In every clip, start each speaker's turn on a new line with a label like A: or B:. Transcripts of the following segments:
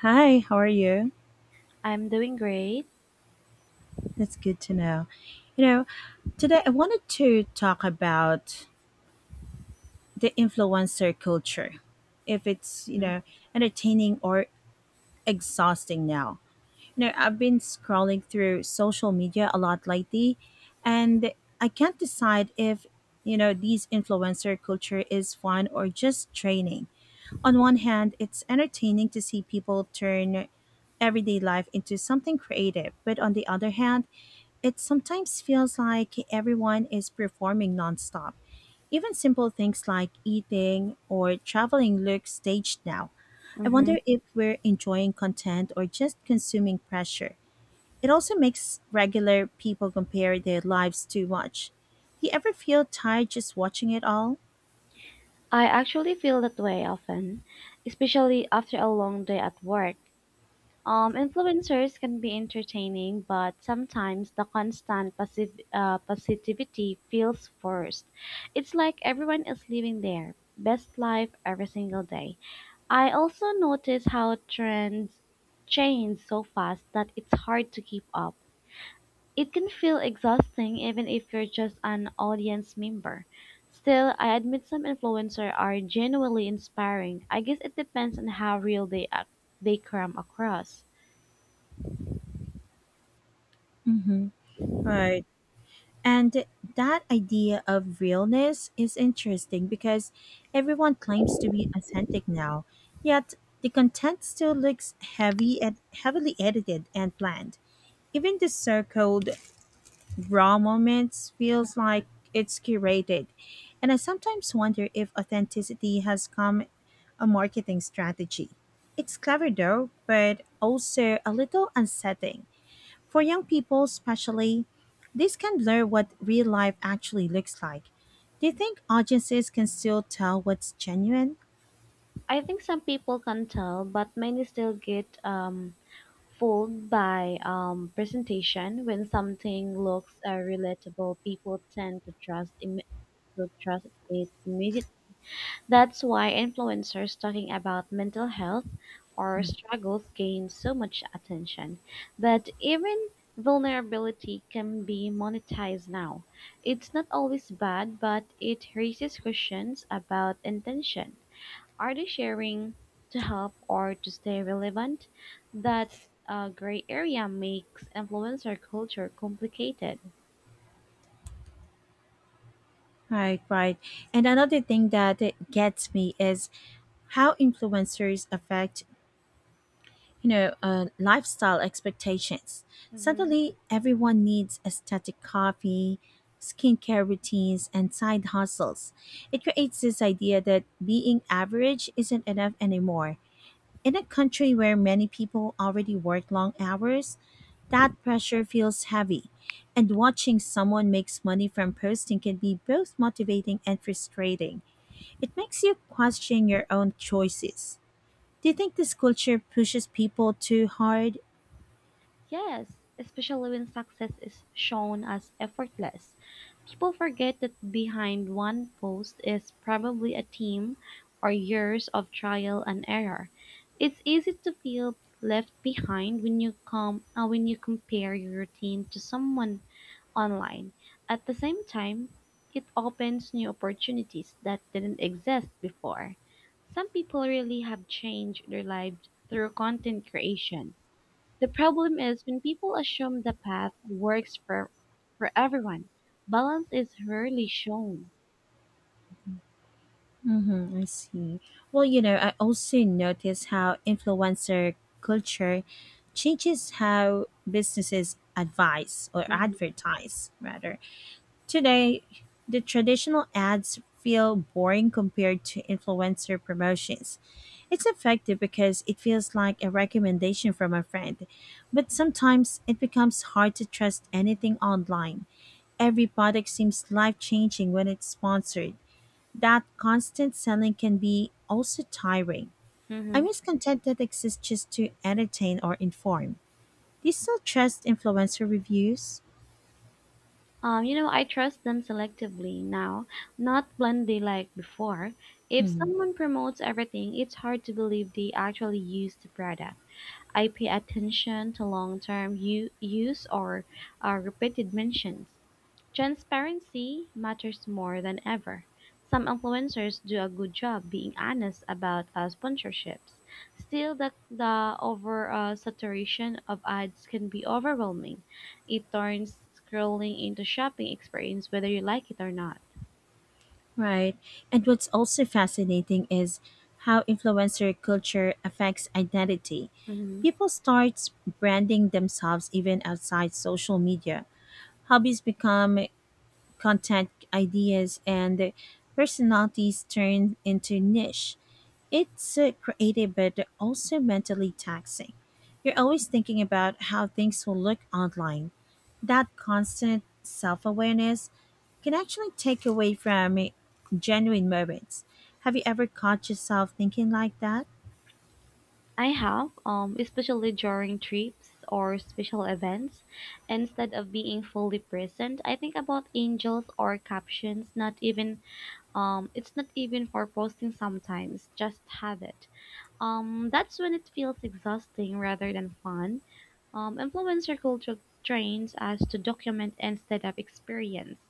A: Hi, how are you?
B: I'm doing great.
A: That's good to know. You know, Today I wanted to talk about the influencer culture, if it's, entertaining or exhausting now. You know, I've been scrolling through social media a lot lately, and I can't decide if, these influencer culture is fun or just draining. On one hand, it's entertaining to see people turn everyday life into something creative, but on the other hand, it sometimes feels like everyone is performing nonstop. Even simple things like eating or traveling look staged now. I
B: Mm-hmm.
A: wonder if we're enjoying content or just consuming pressure. It also makes regular people compare their lives too much. Do you ever feel tired just watching it all?
B: I actually feel that way often, especially after a long day at work. Influencers can be entertaining, but sometimes the constant positivity feels forced. It's like everyone is living their best life every single day. I also notice how trends change so fast that it's hard to keep up. It can feel exhausting even if you're just an audience member. Still, I admit some influencers are genuinely inspiring. I guess it depends on how real they come across.
A: Mm-hmm. Right. And that idea of realness is interesting because everyone claims to be authentic now, yet the content still looks heavy and heavily edited and planned. Even the so-called raw moments feels like it's curated. And I sometimes wonder if authenticity has come a marketing strategy. It's clever though, but also a little unsettling. For young people, especially, this can blur what real life actually looks like. Do you think audiences can still tell what's genuine?
B: I think some people can tell, but many still get fooled by presentation. When something looks relatable, people tend to to trust it immediately. That's why influencers talking about mental health or
A: Mm.
B: struggles gain so much attention. But even vulnerability can be monetized now. It's not always bad, but it raises questions about intention. Are they sharing to help or to stay relevant? That gray area makes influencer culture complicated.
A: Right, right. And another thing that it gets me is how influencers affect lifestyle expectations.
B: Mhm.
A: Suddenly, everyone needs aesthetic coffee, skincare routines, and side hustles. It creates this idea that being average isn't enough anymore. In a country where many people already work long hours, that pressure feels heavy. And watching someone makes money from posting can be both motivating and frustrating. It makes you question your own choices. Do you think this culture pushes people too hard?
B: Yes, especially when success is shown as effortless. People forget that behind one post is probably a team or years of trial and error. It's easy to feel left behind when you come when you compare your routine to someone online. At the same time, it opens new opportunities that didn't exist before. Some people really have changed their lives through content creation. The problem is when people assume the path works for everyone, balance is rarely shown.
A: Mm-hmm, I see. Well, you know, I also notice how influencer culture changes how businesses advise or advertise, rather. Today, the traditional ads feel boring compared to influencer promotions. It's effective because it feels like a recommendation from a friend, but sometimes it becomes hard to trust anything online. Every product seems life changing when it's sponsored. That constant selling can be also tiring.
B: Mm-hmm.
A: I'm just content that exists just to entertain or inform. Do you still trust influencer reviews?
B: You know, I trust them selectively now, not blindly like before. If someone promotes everything, it's hard to believe they actually use the product. I pay attention to use or repeated mentions. Transparency matters more than ever. Some influencers do a good job being honest about sponsorships. Still, the over saturation of ads can be overwhelming. It turns scrolling into shopping experience whether you like it or not.
A: Right. And what's also fascinating is how influencer culture affects identity.
B: Mhm.
A: People start branding themselves even outside social media. Hobbies become content ideas and personalities turned into niche. It's creative but also mentally taxing. You're always thinking about how things will look online. That constant self awareness can actually take away from genuine moments. Have you ever caught yourself thinking like that?
B: I have, especially during trips or special events, instead of being fully present, I think about angels or captions, not even. It's not even for posting sometimes, just have it. That's when it feels exhausting rather than fun. Influencer culture trains us to document instead of experience.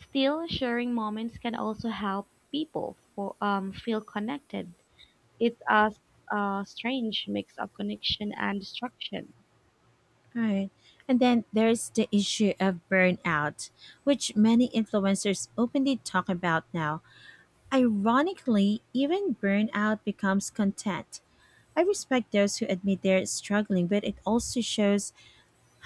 B: Still, sharing moments can also help people feel connected. It's a strange mix of connection and destruction.
A: Right. And then there's the issue of burnout, which many influencers openly talk about now. Ironically, even burnout becomes content. I respect those who admit they're struggling, but it also shows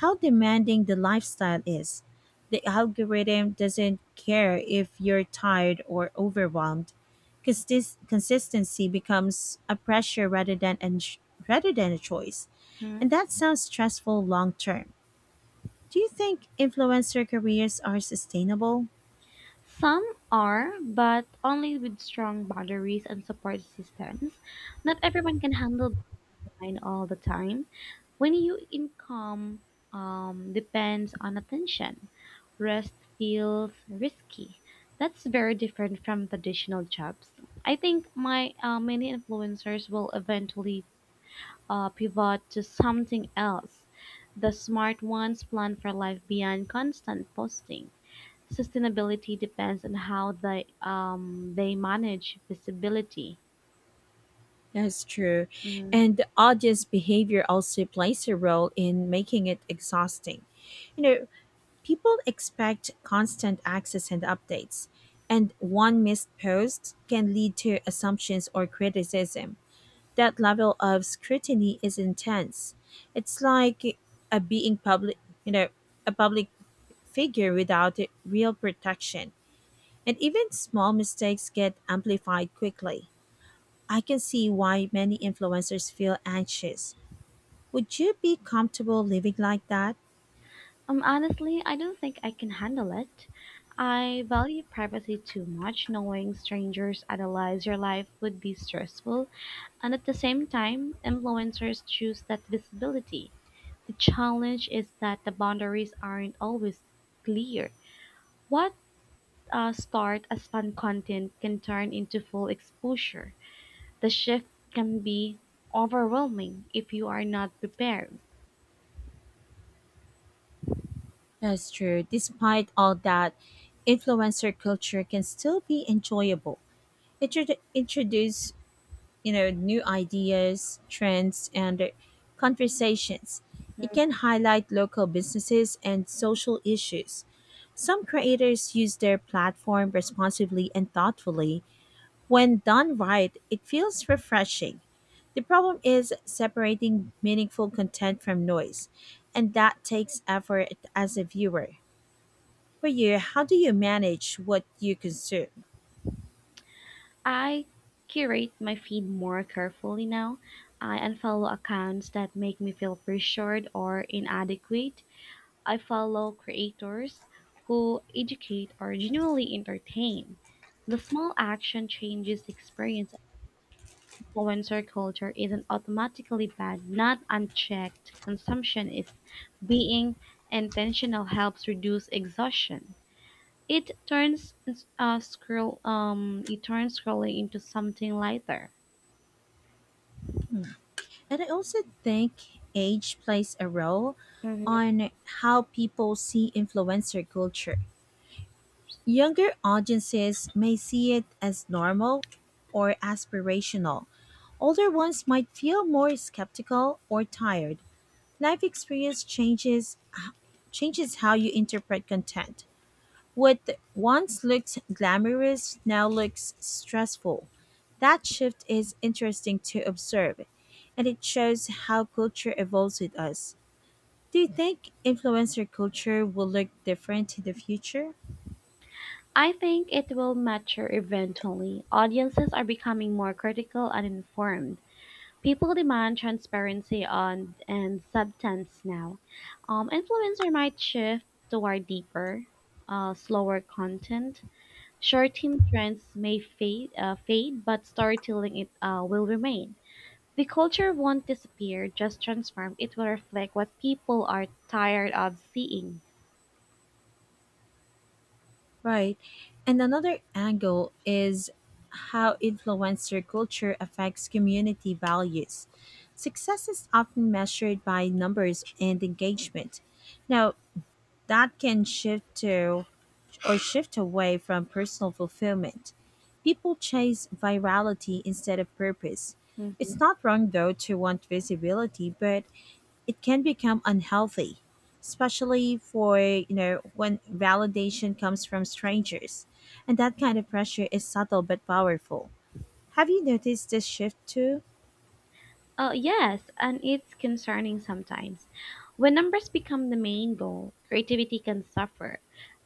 A: how demanding the lifestyle is. The algorithm doesn't care if you're tired or overwhelmed, because this consistency becomes a pressure rather than a choice,
B: Mhm.
A: and that sounds stressful long term. Do you think influencer careers are sustainable?
B: Some are, but only with strong boundaries and support systems. Not everyone can handle mind all the time when your income depends on attention. Rest feels risky. That's very different from traditional jobs. I think my Many influencers will eventually pivot to something else. The smart ones plan for life beyond constant posting. Sustainability depends on how they manage visibility.
A: That's true.
B: Mm-hmm.
A: And the audience behavior also plays a role in making it exhausting. You know, people expect constant access and updates, and one missed post can lead to assumptions or criticism. That level of scrutiny is intense. It's like a being public, you know, a public figure without real protection. And even small mistakes get amplified quickly. I can see why many influencers feel anxious. Would you be comfortable living like that?
B: Honestly, I don't think I can handle it. I value privacy too much. Knowing strangers analyze your life would be stressful, and at the same time, influencers choose that visibility. The challenge is that the boundaries aren't always clear. What start as fun content can turn into full exposure. The shift can be overwhelming if you are not prepared.
A: That's true. Despite all that, influencer culture can still be enjoyable. It should introduce, new ideas, trends, and conversations. It can highlight local businesses and social issues. Some creators use their platform responsibly and thoughtfully. When done right, it feels refreshing. The problem is separating meaningful content from noise, and that takes effort as a viewer. For you, how do you manage what you consume?
B: I curate my feed more carefully now. I unfollow accounts that make me feel pressured or inadequate. I follow creators who educate or genuinely entertain. The small action changes the experience. Influencer culture isn't automatically bad, not unchecked. Consumption is being intentional helps reduce exhaustion. It turns scroll it turns scrolling into something lighter.
A: And I also think age plays a role
B: Mhm.
A: on how people see influencer culture. Younger audiences may see it as normal or aspirational. Older ones might feel more skeptical or tired. Life experience changes how you interpret content. What once looked glamorous now looks stressful. That shift is interesting to observe, and it shows how culture evolves with us. Do you think influencer culture will look different in the future?
B: I think it will mature eventually. Audiences are becoming more critical and informed. People demand transparency on and substance now. Influencer might shift toward deeper, slower content. Short-term trends may fade, but storytelling it will remain. The culture won't disappear, just transform. It will reflect what people are tired of seeing.
A: Right. And another angle is how influencer culture affects community values. Success is often measured by numbers and engagement. Now, that can shift to or shift away from personal fulfillment. People chase virality instead of purpose. It's not wrong though to want visibility, but it can become unhealthy, especially for, when validation comes from strangers. And that kind of pressure is subtle but powerful. Have you noticed this shift too?
B: Oh, yes, and it's concerning sometimes. When numbers become the main goal, creativity can suffer.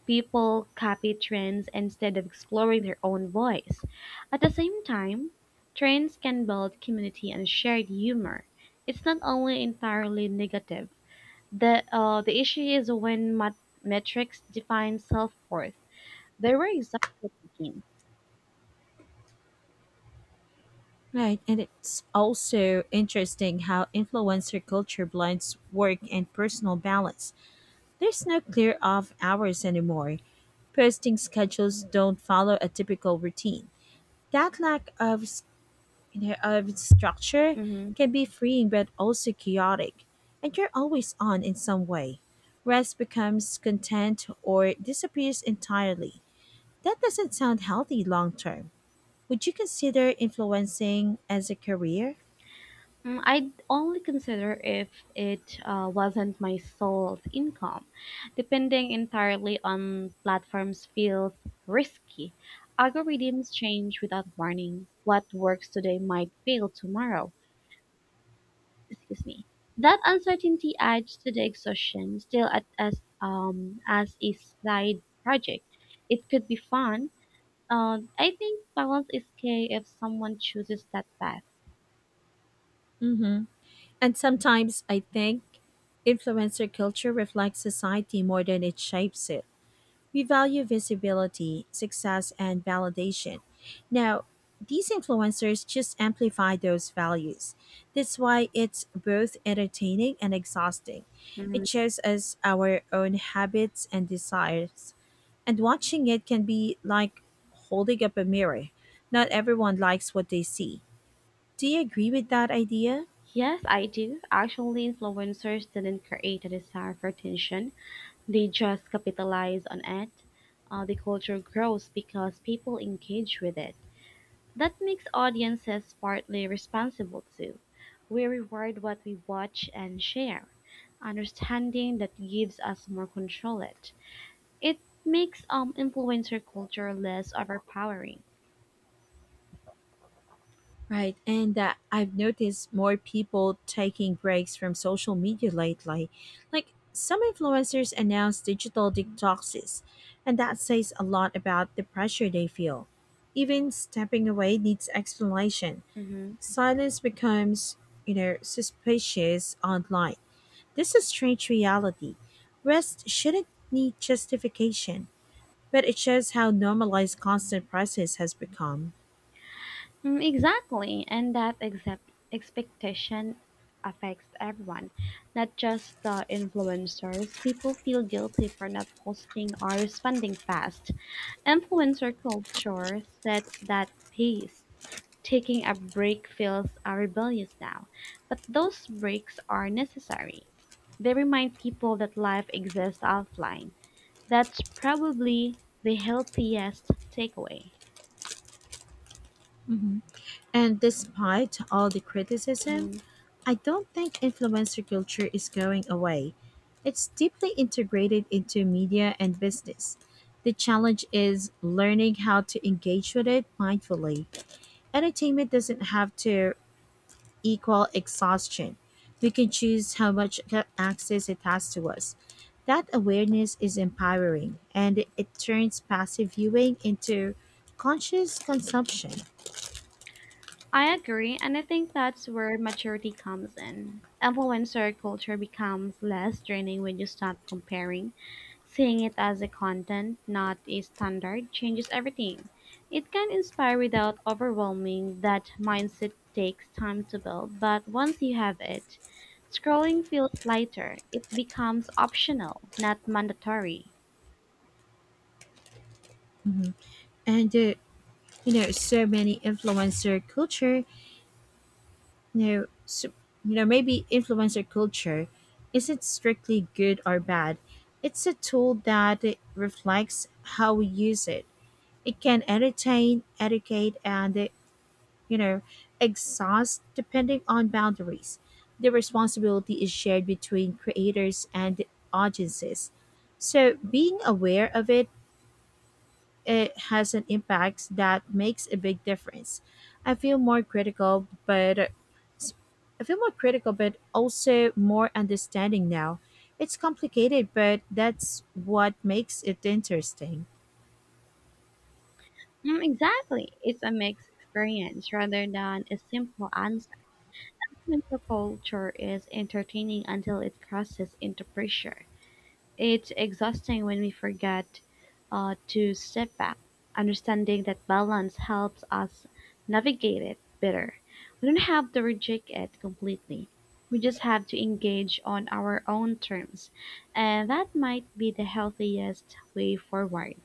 B: People copy trends instead of exploring their own voice. At the same time, trends can build community and shared humor. It's not only entirely negative. The issue is when metrics define self worth. They were examples again.
A: Right, and it's also interesting how influencer culture blends work and personal balance. There's no clear off hours anymore. Posting schedules don't follow a typical routine. That lack of Their of structure can be freeing but also chaotic, and you're always on in some way. Rest becomes content or disappears entirely. That doesn't sound healthy long term. Would you consider influencing as a career?
B: Mm, I'd only consider if it wasn't my sole income. Depending entirely on platforms feels risky. Algorithms change without warning. What works today might fail tomorrow. Excuse me. That uncertainty adds to the exhaustion. Still, at, as a side project, it could be fun. I think balance is key if someone chooses that path.
A: Mm-hmm. And sometimes I think influencer culture reflects society more than it shapes it. We value visibility, success, and validation. Now, these influencers just amplify those values. That's why it's both entertaining and exhausting. It shows us our own habits and desires, and watching it can be like holding up a mirror. Not everyone likes what they see. Do you agree with that idea?
B: Yes, I do. Actually, influencers didn't create a desire for attention, they just capitalize on it. The culture grows because people engage with it. That makes audiences partly responsible too. We reward what we watch and share. Understanding that gives us more control it. It makes influencer culture less overpowering.
A: Right, and I've noticed more people taking breaks from social media lately. Like some influencers announce digital detoxes, and that says a lot about the pressure they feel. Even stepping away needs explanation.
B: Mhm.
A: Silence becomes, suspicious online. This is strange reality. Rest shouldn't need justification, but it shows how normalized constant process has become.
B: Mm, exactly, and that expectation affects everyone, not just the influencers. People feel guilty for not posting or responding fast. Influencer culture sets that pace. Taking a break feels rebellious now, but those breaks are necessary. They remind people that life exists offline. That's probably the healthiest takeaway.
A: Mhm. And despite all the criticism,
B: Mhm.
A: I don't think influencer culture is going away. It's deeply integrated into media and business. The challenge is learning how to engage with it mindfully. Entertainment doesn't have to equal exhaustion. We can choose how much access it has to us. That awareness is empowering and it turns passive viewing into conscious consumption.
B: I agree, and I think that's where maturity comes in. Influencer culture becomes less draining when you stop comparing. Seeing it as a content, not a standard, changes everything. It can inspire without overwhelming. That mindset takes time to build, but once you have it, scrolling feels lighter. It becomes optional, not mandatory.
A: Mhm. And you know so many influencer culture you know so, you know maybe influencer culture isn't strictly good or bad. It's a tool that it reflects how we use it. It can entertain, educate, and you know exhaust depending on boundaries. The responsibility is shared between creators and audiences, so being aware of it, it has an impact that makes a big difference. I feel more critical, but I feel more critical, but also more understanding now. It's complicated, but that's what makes it interesting.
B: Mm, exactly. It's a mixed experience rather than a simple answer. Mental culture is entertaining until it crosses into pressure. It's exhausting when we forget to step back. Understanding that balance helps us navigate it better. We don't have to reject it completely. We just have to engage on our own terms. And that might be the healthiest way forward.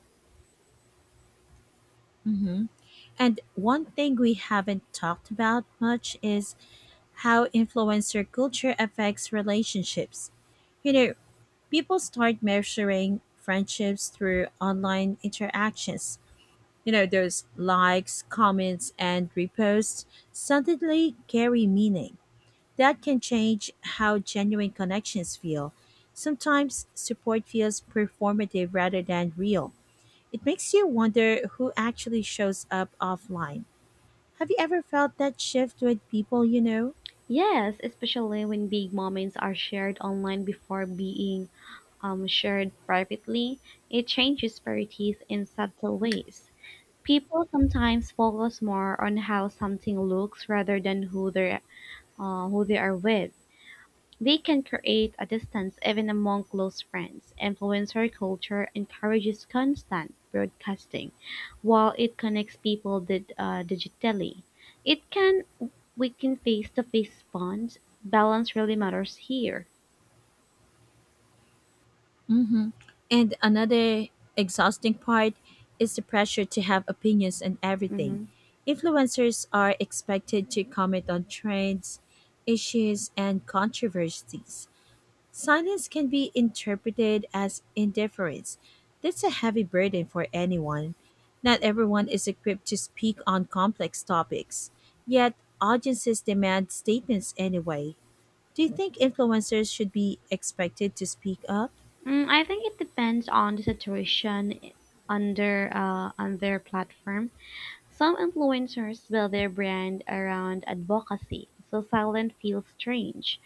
A: Hmm. And one thing we haven't talked about much is how influencer culture affects relationships. You know, people start measuring friendships through online interactions. You know, those likes, comments, and reposts suddenly carry meaning. That can change how genuine connections feel. Sometimes support feels performative rather than real. It makes you wonder who actually shows up offline. Have you ever felt that shift with people you know?
B: Yes, especially when big moments are shared online before being shared privately, it changes priorities in subtle ways. People sometimes focus more on how something looks rather than who they are with. They can create a distance even among close friends. Influencer culture encourages constant broadcasting, while it connects people digitally. It can weaken face-to-face bonds. Balance really matters here.
A: Hmm. And another exhausting part is the pressure to have opinions on everything.
B: Mm-hmm.
A: Influencers are expected to comment on trends, issues, and controversies. Silence can be interpreted as indifference. That's a heavy burden for anyone. Not everyone is equipped to speak on complex topics, yet, audiences demand statements anyway. Do you think influencers should be expected to speak up?
B: Mm, I think it depends on the situation I- under on their platform. Some influencers build their brand around advocacy, so silent feels strange.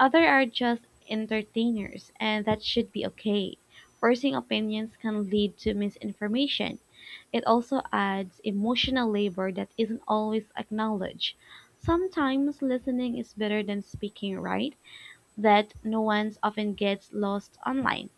B: Others are just entertainers, and that should be okay. Forcing opinions can lead to misinformation. It also adds emotional labor that isn't always acknowledged. Sometimes listening is better than speaking, right? That nuance often gets lost online.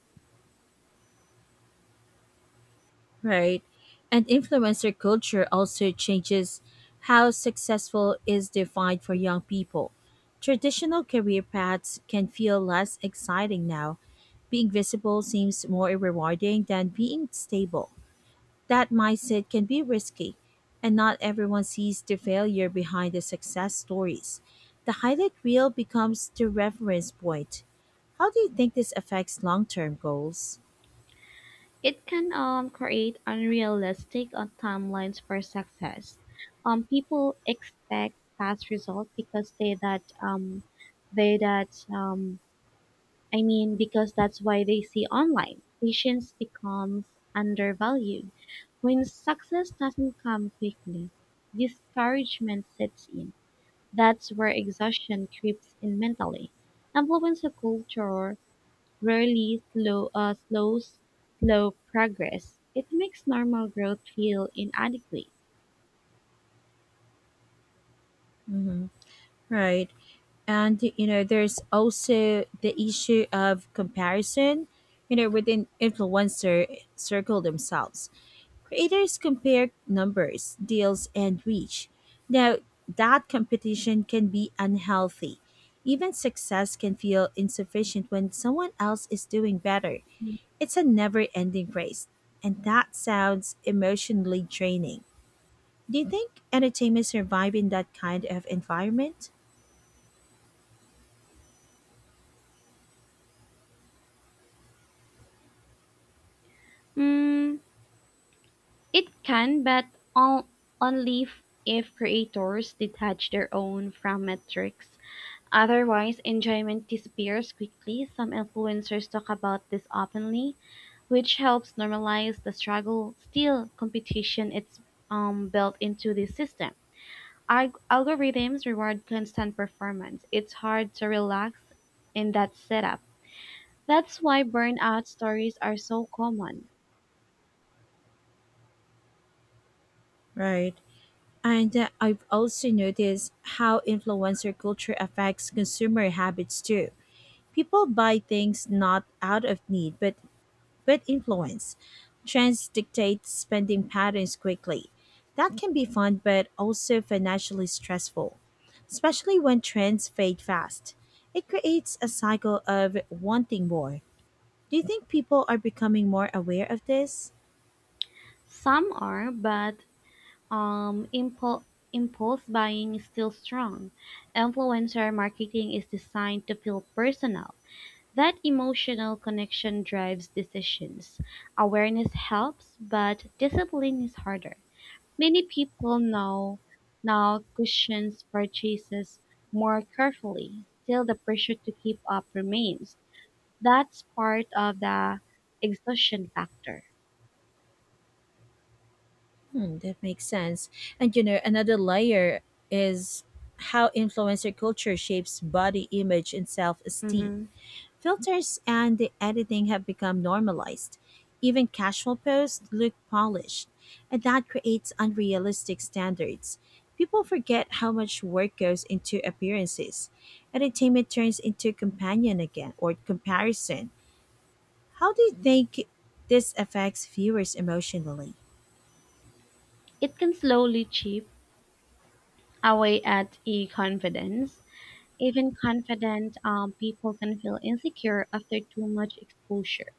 A: Right. And influencer culture also changes how successful is defined for young people. Traditional career paths can feel less exciting now. Being visible seems more rewarding than being stable. That mindset can be risky, and not everyone sees the failure behind the success stories. The highlight reel becomes the reference point. How do you think this affects long term goals?
B: It can create unrealistic timelines for success. People expect fast results because they that I mean because that's why they see online patience becomes undervalued. When success doesn't come quickly, discouragement sets in. That's where exhaustion creeps in mentally. Influence a culture rarely slow progress. It makes normal growth feel inadequate.
A: Hmm. Right. And you know, there's also the issue of comparison, you know, within influencer circle themselves. Creators compare numbers, deals, and reach now. That competition can be unhealthy. Even success can feel insufficient when someone else is doing better. It's a never-ending race, and that sounds emotionally draining. Do you think entertainment survive in that kind of environment?
B: Mm, it can, but on, only f- if creators detach their own from metrics. Otherwise, enjoyment disappears quickly. Some influencers talk about this openly, which helps normalize the struggle. Still, competition is built into the system. Algorithms reward constant performance. It's hard to relax in that setup. That's why burnout stories are so common.
A: Right. And I've also noticed how influencer culture affects consumer habits too. People buy things not out of need, but influence. Trends dictate spending patterns quickly. That can be fun, but also financially stressful, especially when trends fade fast. It creates a cycle of wanting more. Do you think people are becoming more aware of this?
B: Some are, but um, impul- impulse buying is still strong. Influencer marketing is designed to feel personal. That emotional connection drives decisions. Awareness helps, but discipline is harder. Many people now cushions purchases more carefully. Still, the pressure to keep up remains. That's part of the exhaustion factor.
A: Hmm, that makes sense. And you know, another layer is how influencer culture shapes body image and self esteem.
B: Mhm.
A: Filters and the editing have become normalized. Even casual posts look polished, and that creates unrealistic standards. People forget how much work goes into appearances. Entertainment turns into companion again or comparison. How do you think this affects viewers emotionally?
B: It can slowly chip away at e confidence. Even confident people can feel insecure after too much exposure.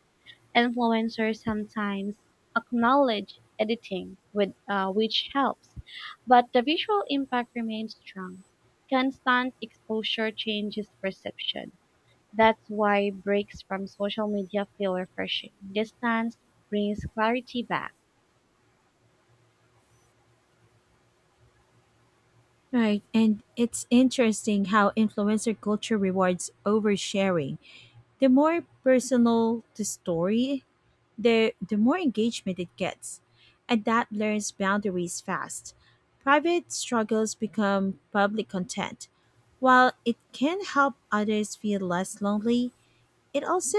B: Influencers sometimes acknowledge editing, which helps, but the visual impact remains strong. Constant exposure changes perception. That's why breaks from social media feel refreshing. Distance brings clarity back.
A: Right, and it's interesting how influencer culture rewards oversharing. The more personal the story, the more engagement it gets. And that blurs boundaries fast. Private struggles become public content. While it can help others feel less lonely, it also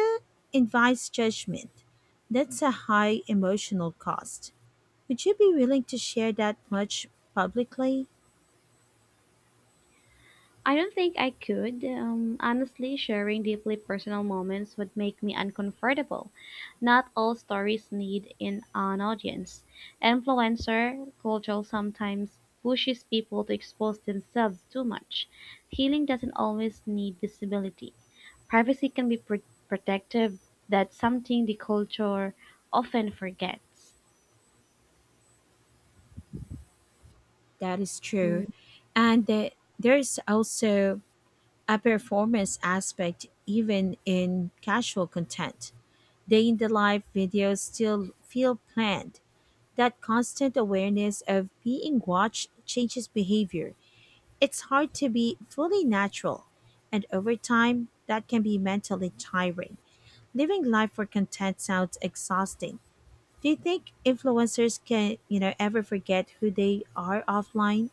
A: invites judgment. That's a high emotional cost. Would you be willing to share that much publicly?
B: I don't think I could. Honestly, sharing deeply personal moments would make me uncomfortable. Not all stories need in an audience. Influencer culture sometimes pushes people to expose themselves too much. Healing doesn't always need visibility. Privacy can be protective. That's something the culture often forgets.
A: That is
B: Hmm.
A: true. And there's also a performance aspect even in casual content. Day in the life videos still feel planned. That constant awareness of being watched changes behavior. It's hard to be fully natural. And over time, that can be mentally tiring. Living life for content sounds exhausting. Do you think influencers can, ever forget who they are offline?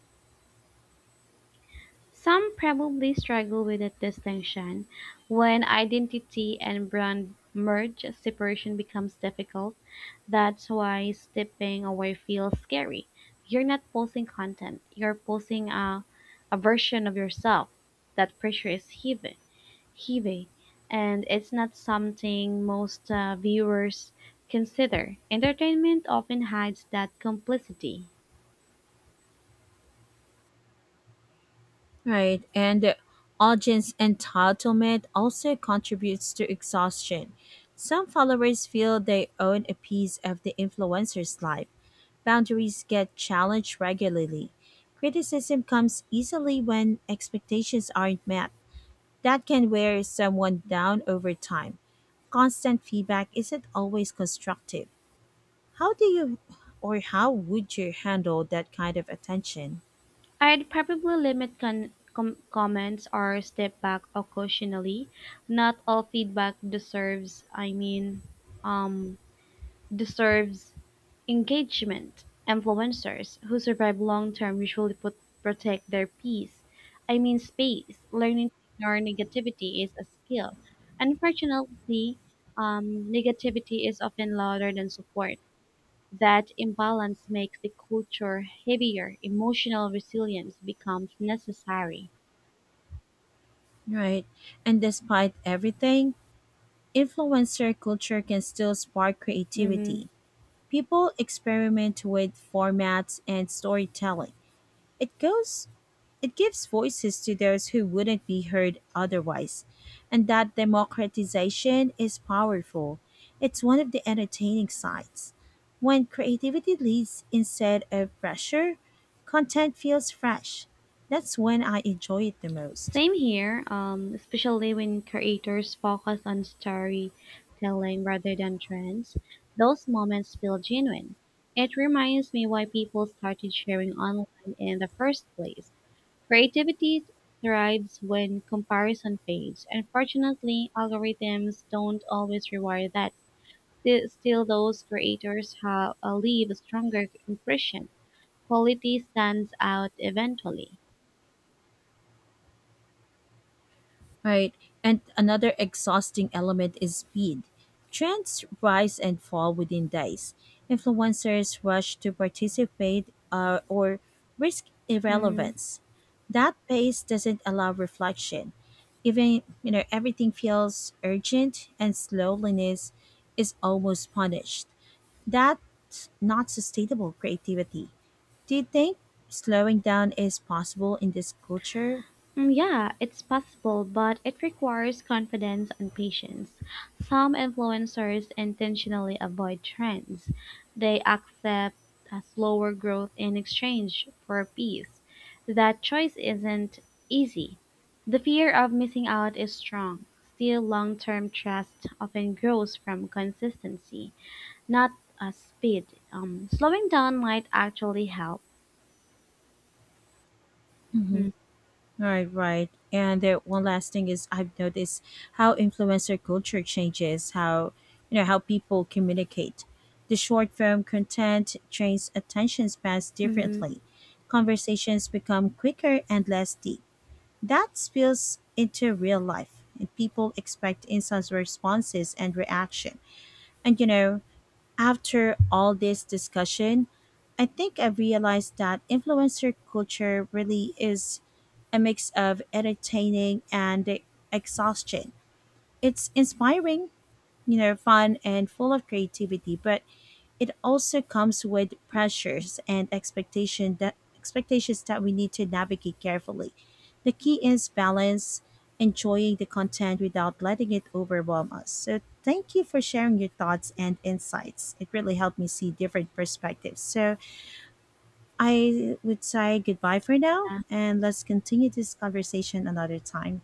B: Some probably struggle with that distinction. When identity and brand merge, separation becomes difficult. That's why stepping away feels scary. You're not posting content, you're posting a version of yourself. That pressure is heavy, and it's not something most viewers consider. Entertainment often hides that complicity.
A: Right, and audience entitlement also contributes to exhaustion. Some followers feel they own a piece of the influencer's life. Boundaries get challenged regularly. Criticism comes easily when expectations aren't met. That can wear someone down over time. Constant feedback isn't always constructive. How do you how would you handle that kind of attention?
B: I'd probably limit comments or step back occasionally. Not all feedback um, deserves engagement. Influencers who survive long term usually protect their peace. I mean, space. Learning to ignore negativity is a skill. Unfortunately, negativity is often louder than support. That imbalance makes the culture heavier; emotional resilience becomes necessary.
A: Right. And despite everything, influencer culture can still spark
B: Mm-hmm.
A: creativity. People experiment with formats and storytelling. It goes it gives voices to those who wouldn't be heard otherwise. And that democratization is powerful. It's one of the entertaining sides. When creativity leads instead of pressure, content feels fresh. That's when I enjoy it the most.
B: Same here, especially when creators focus on storytelling rather than trends. Those moments feel genuine. It reminds me why people started sharing online in the first place. Creativity thrives when comparison fades. Unfortunately, algorithms don't always reward that. Still those creators have leave a stronger impression. Quality stands out eventually.
A: Right. And another exhausting element is speed. Trends rise and fall within days. Influencers rush to participate or risk
B: Hmm.
A: irrelevance. That pace doesn't allow reflection. Even, everything feels urgent and slowness is almost punished. That's not sustainable creativity. Do you think slowing down is possible in this culture?
B: Mm, yeah, it's possible, but it requires confidence and patience. Some influencers intentionally avoid trends. They accept a slower growth in exchange for peace. That choice isn't easy. The fear of missing out is strong. Still, long term trust often grows from consistency. Not a speed. Slowing down might actually help. Mhm.
A: Mhm. Right, right. And the one last thing is I've noticed how influencer culture changes how you know how people communicate. The short form content trains attention spans
B: Mhm.
A: differently. Conversations become quicker and less deep. That spills into real life. And people expect instant responses and reaction. And you know, after all this discussion, I think I realized that influencer culture really is a mix of entertaining and exhaustion. It's inspiring, fun and full of creativity, but it also comes with pressures and expectation that expectations that we need to navigate carefully. The key is balance, enjoying the content without letting it overwhelm us. So thank you for sharing your thoughts and insights. It really helped me see different perspectives. So I would say goodbye for now and let's continue this conversation another time.